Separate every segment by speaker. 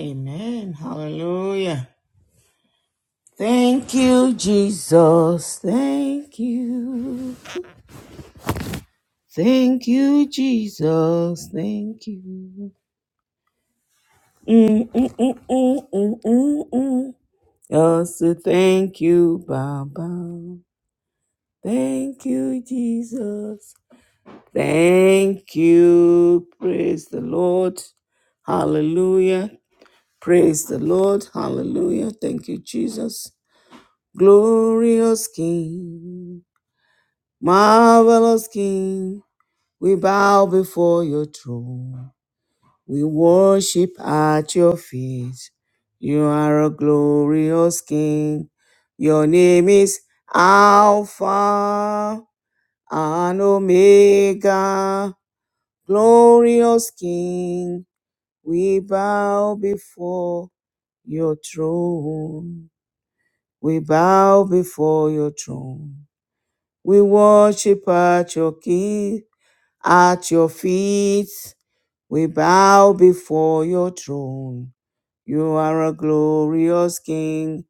Speaker 1: Amen. Hallelujah. Thank you, Jesus. Thank you. Thank you, Jesus. Thank you. Mm, mm, mm, mm, mm, mm, mm. Just to thank you, Baba. Thank you, Jesus. Thank you. Praise the Lord. Hallelujah. Praise the Lord. Hallelujah. Thank you, Jesus. Glorious King. Marvelous King, we bow before your throne. We worship at your feet. You are a glorious King. Your name is Alpha and Omega. Glorious King, we bow before your throne. We bow before your throne. We worship at your feet. At your feet we bow before your throne. You are a glorious King.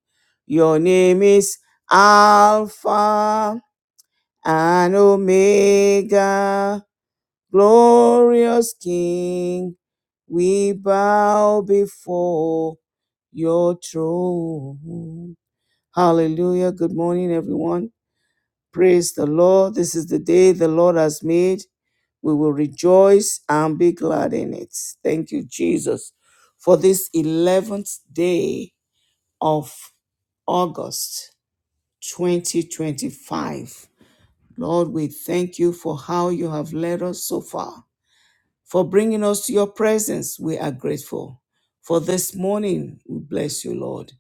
Speaker 1: Your name is Alpha and Omega. Glorious King, we bow before your throne. Hallelujah. Good morning, everyone. Praise the Lord. This is the day the Lord has made. We will rejoice and be glad in it. Thank you, Jesus, for this 11th day of August 2025. Lord, we thank you for how you have led us so far. For bringing us to your presence, we are grateful. For this morning, we bless you, Lord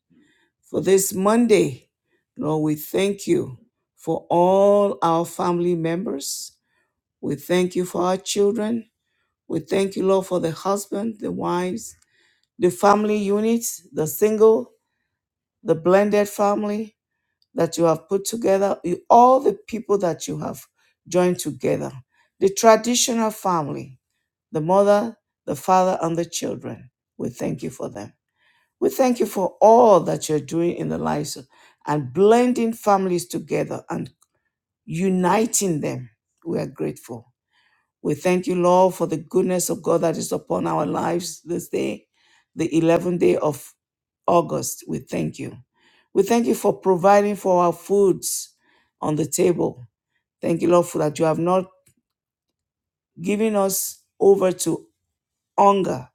Speaker 1: for this Monday. Lord, we thank you for all our family members. We thank you for our children. We thank you, Lord, for the husband, the wives, the family units, the single, the blended family that you have put together, you- all the people that you have joined together, the traditional family, the mother, the father, and the children. We thank you for them. We thank you for all that you're doing in the lives of- and blending families together and uniting them. We are grateful. We thank you, Lord, for the goodness of God that is upon our lives this day, the 11th day of August. We thank you. We thank you for providing for our foods on the table. Thank you, Lord, for that you have not given us over to hunger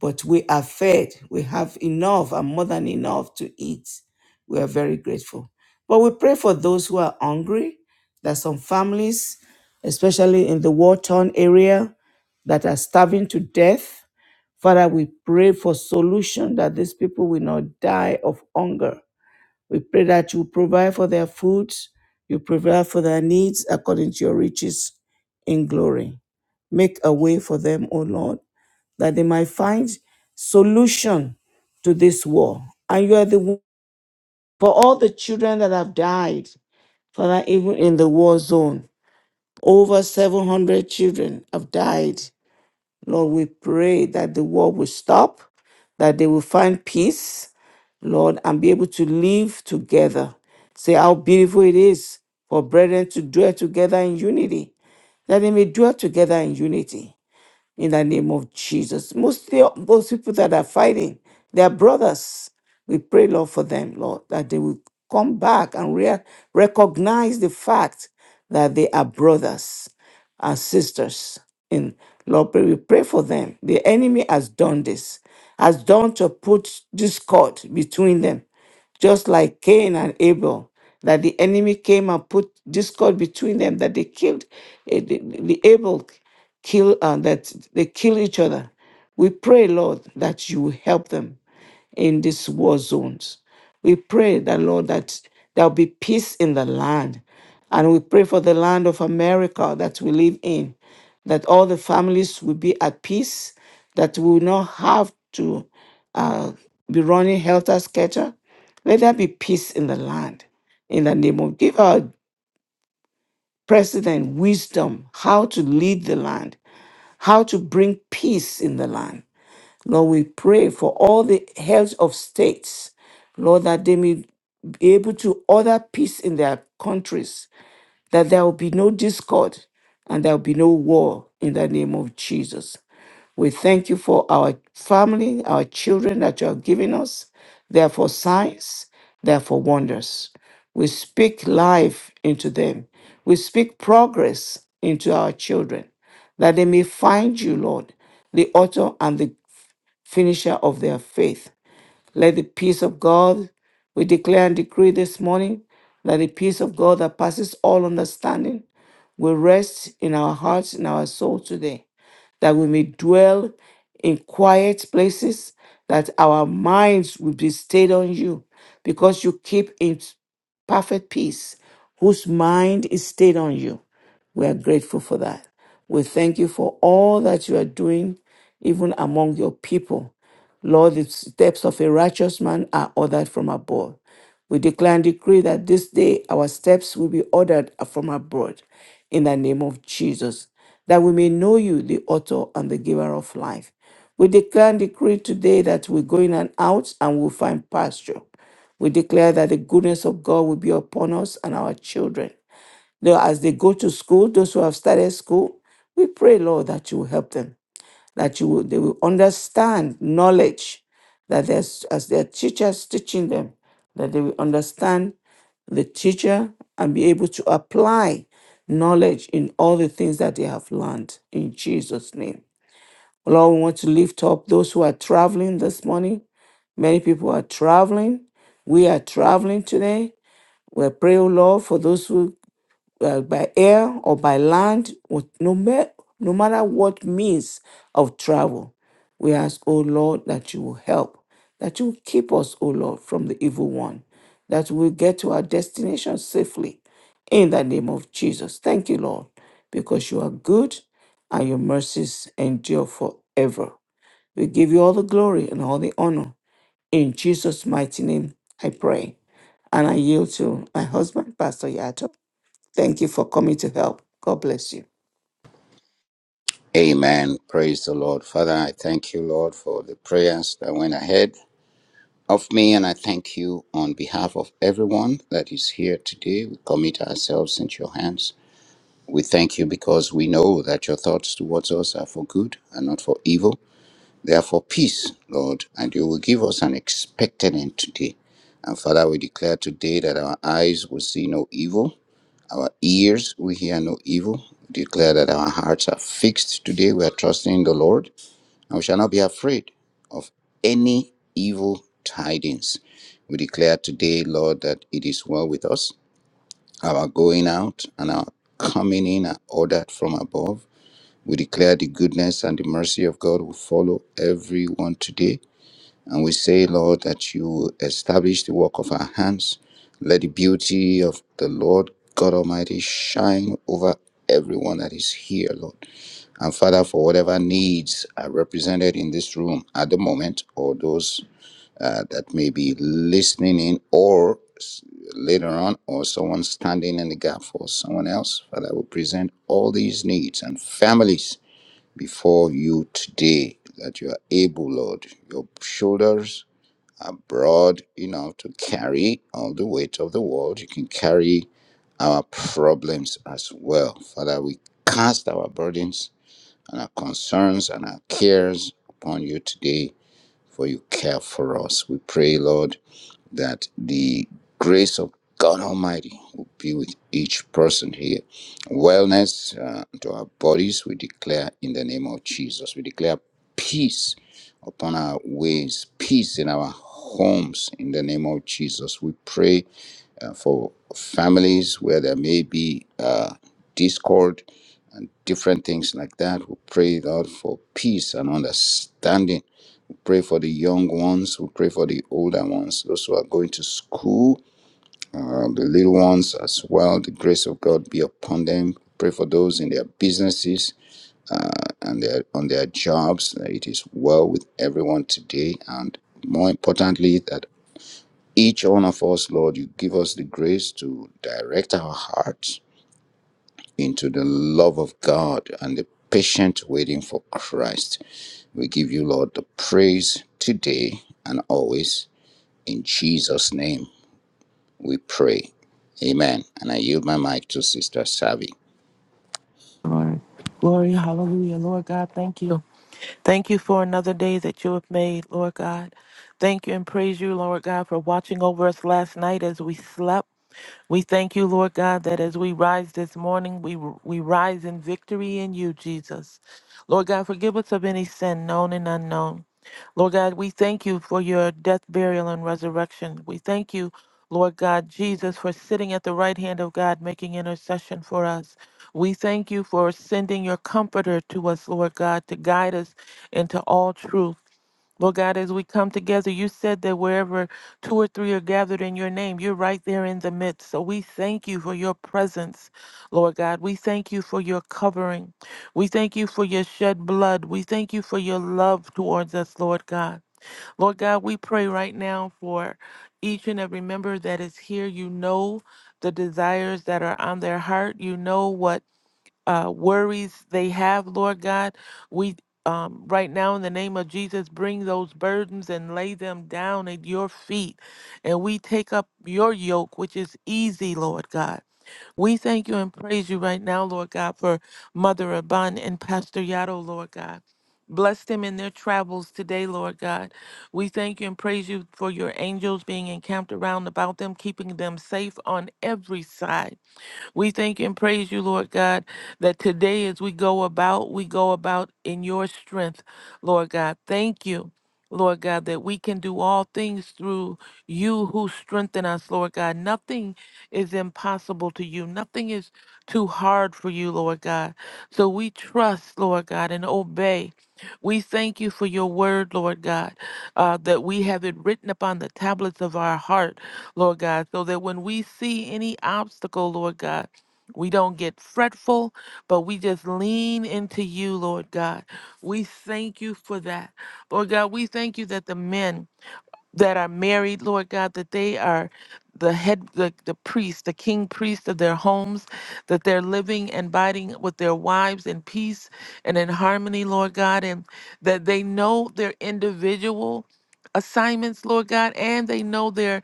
Speaker 1: but we are fed. We have enough and more than enough to eat. We are very grateful. But we pray for those who are hungry. There are some families, especially in the war torn area, that are starving to death. Father, we pray for solution that these people will not die of hunger. We pray that you provide for their food, you provide for their needs according to your riches in glory. Make a way for them, O Lord that they might find solution to this war. And you are the one- for all the children that have died, Father, even in the war zone, over 700 children have died. Lord, we pray that the war will stop, that they will find peace, Lord, and be able to live together. Say how beautiful it is for brethren to dwell together in unity, that they may dwell together in unity in the name of Jesus. most of those people that are fighting, they are brothers. We pray, Lord, for them, Lord, that they will come back and re- recognize the fact that they are brothers our sisters in Lord, pray- we pray for them. The enemy has done this, has done to put discord between them, just like Cain and Abel. That the enemy came and put discord between them, that they killed eh, the, the Abel kill uh, that they kill each other. We pray, Lord, that you will help them in these war zones. We pray that, Lord, that there'll be peace in the land. And we pray for the land of America that we live in, that all the families will be at peace, that we will not have to uh, be running helter skelter. Let there be peace in the land. In the name of, give our president wisdom how to lead the land, how to bring peace in the land Lord, we pray for all the heads of states, Lord, that they may be able to order peace in their countries, that there will be no discord and there will be no war in the name of Jesus. We thank you for our family, our children that you have given us. They're for signs, they're for wonders. We speak life into them. We speak progress into our children, that they may find you, Lord, the author and the finisher of their faith. Let the peace of God, we declare and decree this morning, that the peace of God that passes all understanding will rest in our hearts and our soul today that we may dwell in quiet places, that our minds will be stayed on you, because you keep in perfect peace, whose mind is stayed on you. We are grateful for that. We thank you for all that you are doing, even among your people. Lord, the steps of a righteous man are ordered from above. We declare and decree that this day our steps will be ordered from abroad in the name of Jesus, that we may know you, the author and the giver of life. We declare and decree today that we go in and out and we'll find pasture. We declare that the goodness of God will be upon us and our children. Now, as they go to school, those who have started school, we pray, Lord, that you will help them that you will, they will understand knowledge that there's as their teachers teaching them that they will understand the teacher and be able to apply knowledge in all the things that they have learned in Jesus name. Lord, we want to lift up those who are traveling this morning. Many people are traveling. We are traveling today. We pray, O Lord, for those who uh, by air or by land, what- no, ma- no matter what means of travel. We ask, O Lord, that you will help, that you will keep us, O Lord, from the evil one, that we will get to our destination safely in the name of Jesus. Thank you, Lord, because you are good and your mercies endure forever. We give you all the glory and all the honor. In Jesus' mighty name, I pray. And I yield to my husband, Pastor Yato. Thank you for coming to help. God bless you.
Speaker 2: Amen. Praise the Lord. Father, I thank you, Lord, for the prayers that went ahead of me, and I thank you on behalf of everyone that is here today. We commit ourselves into your hands. We thank you because we know that your thoughts towards us are for good and not for evil. They are for peace, Lord, and you will give us an expected end today. And Father, we declare today that our eyes will see no evil, our ears will hear no evil. We declare that our hearts are fixed today. We are trusting in the Lord and we shall not be afraid of any evil tidings. We declare today, Lord, that it is well with us. Our going out and our coming in are ordered from above. We declare the goodness and the mercy of God will follow everyone today. And we say, Lord, that you will establish the work of our hands. Let the beauty of the Lord God Almighty shine over everyone that is here, Lord. And Father, for whatever needs are represented in this room at the moment, or those uh, that may be listening in, or s- later on, or someone standing in the gap for someone else, Father, we present all these needs and families before you today that you are able, Lord. Your shoulders are broad enough to carry all the weight of the world. You can carry our problems as well. Father, we cast our burdens and our concerns and our cares upon you today, for you care for us. We pray, Lord, that the grace of God Almighty will be with each person here. Wellness uh, to our bodies, we declare in the name of Jesus. We declare peace upon our ways, peace in our homes in the name of Jesus. We pray uh, for families where there may be uh, discord and different things like that. We pray, Lord, for peace and understanding. We pray for the young ones. We pray for the older ones, those who are going to school, uh, the little ones as well. The grace of God be upon them. Pray for those in their businesses uh, and their on their jobs. that It is well with everyone today, and more importantly, that each one of us, Lord, you give us the grace to direct our hearts into the love of God and the patient waiting for Christ. We give you, Lord, the praise today and always. In Jesus' name we pray. Amen. And I yield my mic to Sister Savi.
Speaker 3: Lord. Glory, hallelujah. Lord God, thank you. Thank you for another day that you have made, Lord God. Thank you and praise you, Lord God, for watching over us last night as we slept. We thank you, Lord God, that as we rise this morning, we, we rise in victory in you, Jesus. Lord God, forgive us of any sin known and unknown. Lord God, we thank you for your death, burial, and resurrection. We thank you, Lord God, Jesus, for sitting at the right hand of God, making intercession for us. We thank you for sending your comforter to us, Lord God, to guide us into all truth. Lord God, as we come together, you said that wherever two or three are gathered in your name, you're right there in the midst. So we thank you for your presence, Lord God. We thank you for your covering. We thank you for your shed blood. We thank you for your love towards us, Lord God. Lord God, we pray right now for each and every member that is here. You know the desires that are on their heart. You know what uh, worries they have, Lord God. We um, right now, in the name of Jesus, bring those burdens and lay them down at your feet. And we take up your yoke, which is easy, Lord God. We thank you and praise you right now, Lord God, for Mother Abun and Pastor Yato, Lord God. Bless them in their travels today, Lord God. We thank you and praise you for your angels being encamped around about them, keeping them safe on every side. We thank and praise you, Lord God, that today as we go about, we go about in your strength, Lord God. Thank you. Lord God, that we can do all things through you who strengthen us, Lord God. Nothing is impossible to you. Nothing is too hard for you, Lord God. So we trust, Lord God, and obey. We thank you for your word, Lord God, uh, that we have it written upon the tablets of our heart. Lord God, so that when we see any obstacle, Lord God, we don't get fretful, but we just lean into you, Lord God. We thank you for that. Lord God, we thank you that the men that are married, Lord God, that they are the head, the, the priest, the king priest of their homes, that they're living and abiding with their wives in peace and in harmony, Lord God, and that they know their individual assignments, Lord God, and they know their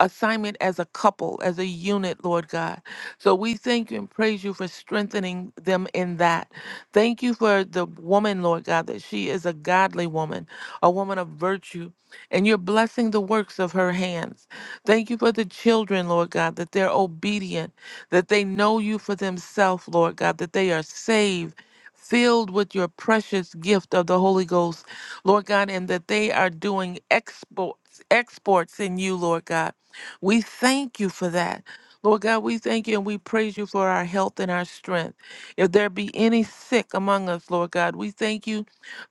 Speaker 3: assignment as a couple, as a unit, Lord God. So we thank you and praise you for strengthening them in that. Thank you for the woman, Lord God, that she is a godly woman, a woman of virtue and you're blessing the works of her hands. Thank you for the children, Lord God, that they're obedient, that they know you for themselves, Lord God, that they are saved. Filled with your precious gift of the Holy Ghost, Lord God, and that they are doing exports, exports in you, Lord God. We thank you for that. Lord God, we thank you and we praise you for our health and our strength. If there be any sick among us, Lord God, we thank you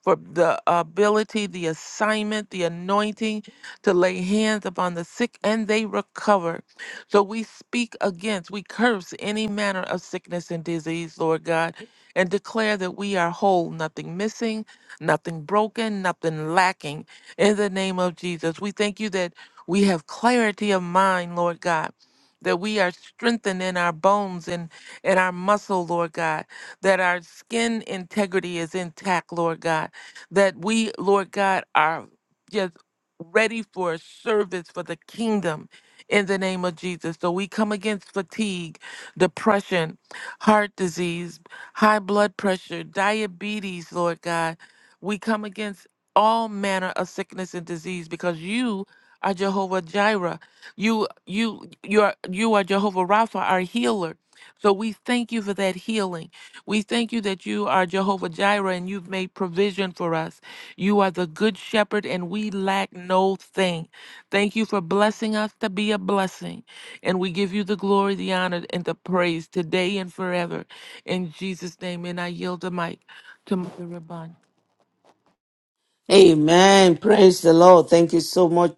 Speaker 3: for the ability, the assignment, the anointing to lay hands upon the sick and they recover. So we speak against, we curse any manner of sickness and disease, Lord God, and declare that we are whole, nothing missing, nothing broken, nothing lacking. In the name of Jesus, we thank you that we have clarity of mind, Lord God. That we are strengthened in our bones and in our muscle, Lord God. That our skin integrity is intact, Lord God that we, Lord God, are just ready for service for the kingdom in the name of Jesus. So we come against fatigue, depression, heart disease, high blood pressure, diabetes, Lord God. We come against all manner of sickness and disease because you are Jehovah Jireh. You you you are you are Jehovah Rapha, our healer. So we thank you for that healing. We thank you that you are Jehovah Jireh and you've made provision for us. You are the good shepherd and we lack no thing. Thank you for blessing us to be a blessing. And we give you the glory, the honor, and the praise today and forever. In Jesus' name, and I yield the mic to Mother Rabban.
Speaker 1: Amen. Praise the Lord. Thank you so much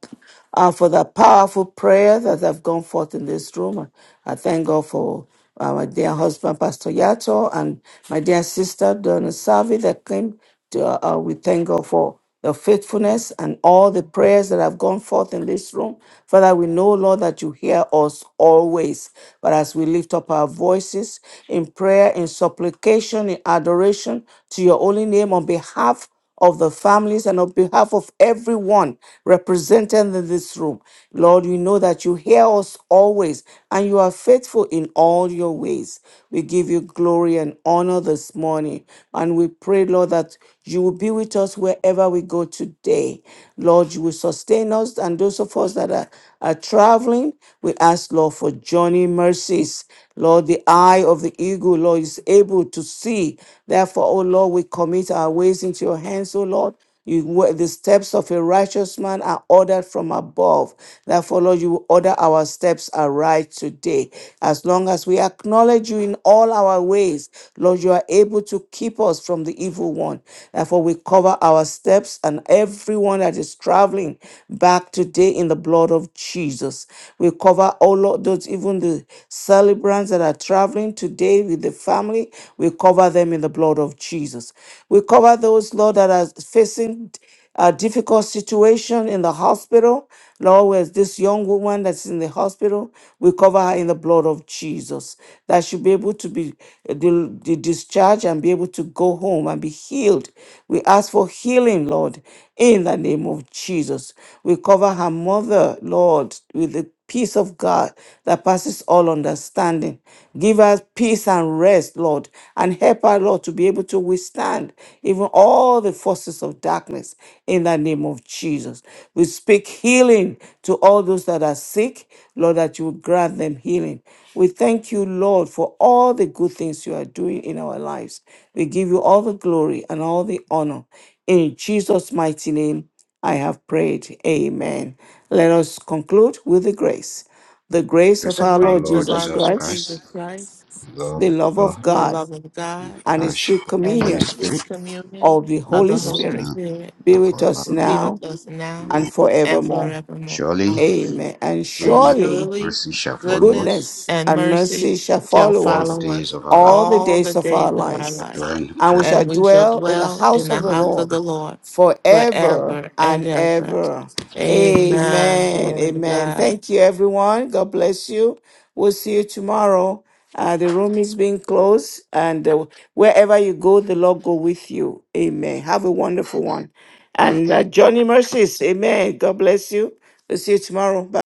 Speaker 1: uh, for that powerful prayer that have gone forth in this room. I thank God for uh, my dear husband, Pastor Yato, and my dear sister, Donna Savi, that came. To, uh, uh, we thank God for your faithfulness and all the prayers that have gone forth in this room. Father, we know, Lord, that you hear us always. But as we lift up our voices in prayer, in supplication, in adoration to your holy name on behalf of the families and on behalf of everyone represented in this room. Lord, we know that you hear us always and you are faithful in all your ways. We give you glory and honor this morning. And we pray, Lord, that you will be with us wherever we go today. Lord, you will sustain us and those of us that are, are traveling. We ask, Lord, for journey mercies. Lord, the eye of the eagle, Lord, is able to see. Therefore, for, oh Lord, we commit our ways into your hands, O Lord. You, where the steps of a righteous man are ordered from above. Therefore, Lord, you will order our steps aright today. As long as we acknowledge you in all our ways, Lord, you are able to keep us from the evil one. Therefore, we cover our steps and everyone that is traveling back today in the blood of Jesus. We cover, oh Lord, those even the celebrants that are traveling today with the the family. We cover them in the blood of Jesus. We cover those, Lord, that are facing a difficult situation in the hospital. Lord, where's this young woman that's in the hospital? We cover her in the blood of Jesus. That she'll be able to be uh, di- di- discharged and be able to go home and be healed. We ask for healing, Lord, in the name of Jesus. We cover her mother, Lord, with the peace of God that passes all understanding. Give us peace and rest, Lord, and help our Lord to be able to withstand even all the forces of darkness in the name of Jesus. We speak healing to all those that are sick, Lord, that you will grant them healing. We thank you, Lord, for all the good things you are doing in our lives. We give you all the glory and all the honor. In Jesus' mighty name. I have prayed. Amen. Let us conclude with the grace. The grace
Speaker 2: Grace
Speaker 1: of
Speaker 3: The
Speaker 2: of
Speaker 1: our
Speaker 2: our
Speaker 1: Lord
Speaker 3: grace of
Speaker 2: Lord
Speaker 1: Jesus
Speaker 3: our
Speaker 2: Jesus
Speaker 3: Lord
Speaker 1: Christ,
Speaker 3: Jesus
Speaker 2: Christ,
Speaker 3: Christ,
Speaker 2: the love
Speaker 1: the
Speaker 2: of
Speaker 1: love of
Speaker 2: God,
Speaker 3: the
Speaker 1: God,
Speaker 3: love of
Speaker 2: and the
Speaker 3: God,
Speaker 1: and the
Speaker 2: fellowship
Speaker 1: sweet
Speaker 2: of
Speaker 3: and
Speaker 2: the
Speaker 3: the
Speaker 2: Holy
Speaker 1: communion
Speaker 3: sweet
Speaker 2: Spirit
Speaker 3: communion
Speaker 1: of the
Speaker 2: be
Speaker 3: of
Speaker 1: Holy
Speaker 3: the
Speaker 2: with us
Speaker 3: Holy
Speaker 1: Spirit
Speaker 2: now
Speaker 3: Spirit
Speaker 1: be
Speaker 2: and
Speaker 1: with
Speaker 2: forever.
Speaker 1: us
Speaker 3: will be
Speaker 1: now
Speaker 3: with us now
Speaker 1: and
Speaker 2: Amen.
Speaker 3: and
Speaker 1: forevermore.
Speaker 3: forevermore.
Speaker 2: Surely,
Speaker 3: Hallelujah.
Speaker 1: Amen. And
Speaker 3: and
Speaker 2: goodness,
Speaker 1: surely
Speaker 2: and
Speaker 3: surely
Speaker 2: mercy shall follow
Speaker 3: goodness
Speaker 2: us
Speaker 1: goodness
Speaker 3: and
Speaker 1: and
Speaker 3: mercy
Speaker 1: mercy shall
Speaker 3: shall
Speaker 1: follow
Speaker 2: all the
Speaker 1: us
Speaker 3: follow
Speaker 2: days
Speaker 3: us
Speaker 2: of our life
Speaker 1: all the
Speaker 3: all the
Speaker 1: days of
Speaker 3: days
Speaker 1: our
Speaker 3: of our
Speaker 2: shall
Speaker 1: lives,
Speaker 3: life,
Speaker 2: dwell in the
Speaker 1: and we
Speaker 2: presence
Speaker 1: shall
Speaker 3: and we shall
Speaker 1: dwell in the
Speaker 3: dwell in
Speaker 1: house of
Speaker 3: the
Speaker 2: forever
Speaker 1: the
Speaker 3: house
Speaker 2: and ever.
Speaker 3: of
Speaker 1: Lord
Speaker 3: the Lord
Speaker 1: forever
Speaker 3: forever and
Speaker 1: and
Speaker 3: ever.
Speaker 1: ever.
Speaker 3: Amen.
Speaker 1: Amen.
Speaker 3: Glory to
Speaker 1: Amen.
Speaker 3: God.
Speaker 1: Thank you, everyone. God bless you. We'll see you tomorrow. Uh, the room is being closed, and uh, wherever you go, the Lord go with you. Amen. Have a wonderful one. And uh, Johnny Mercies. Amen. God bless you. We'll see you tomorrow. Bye.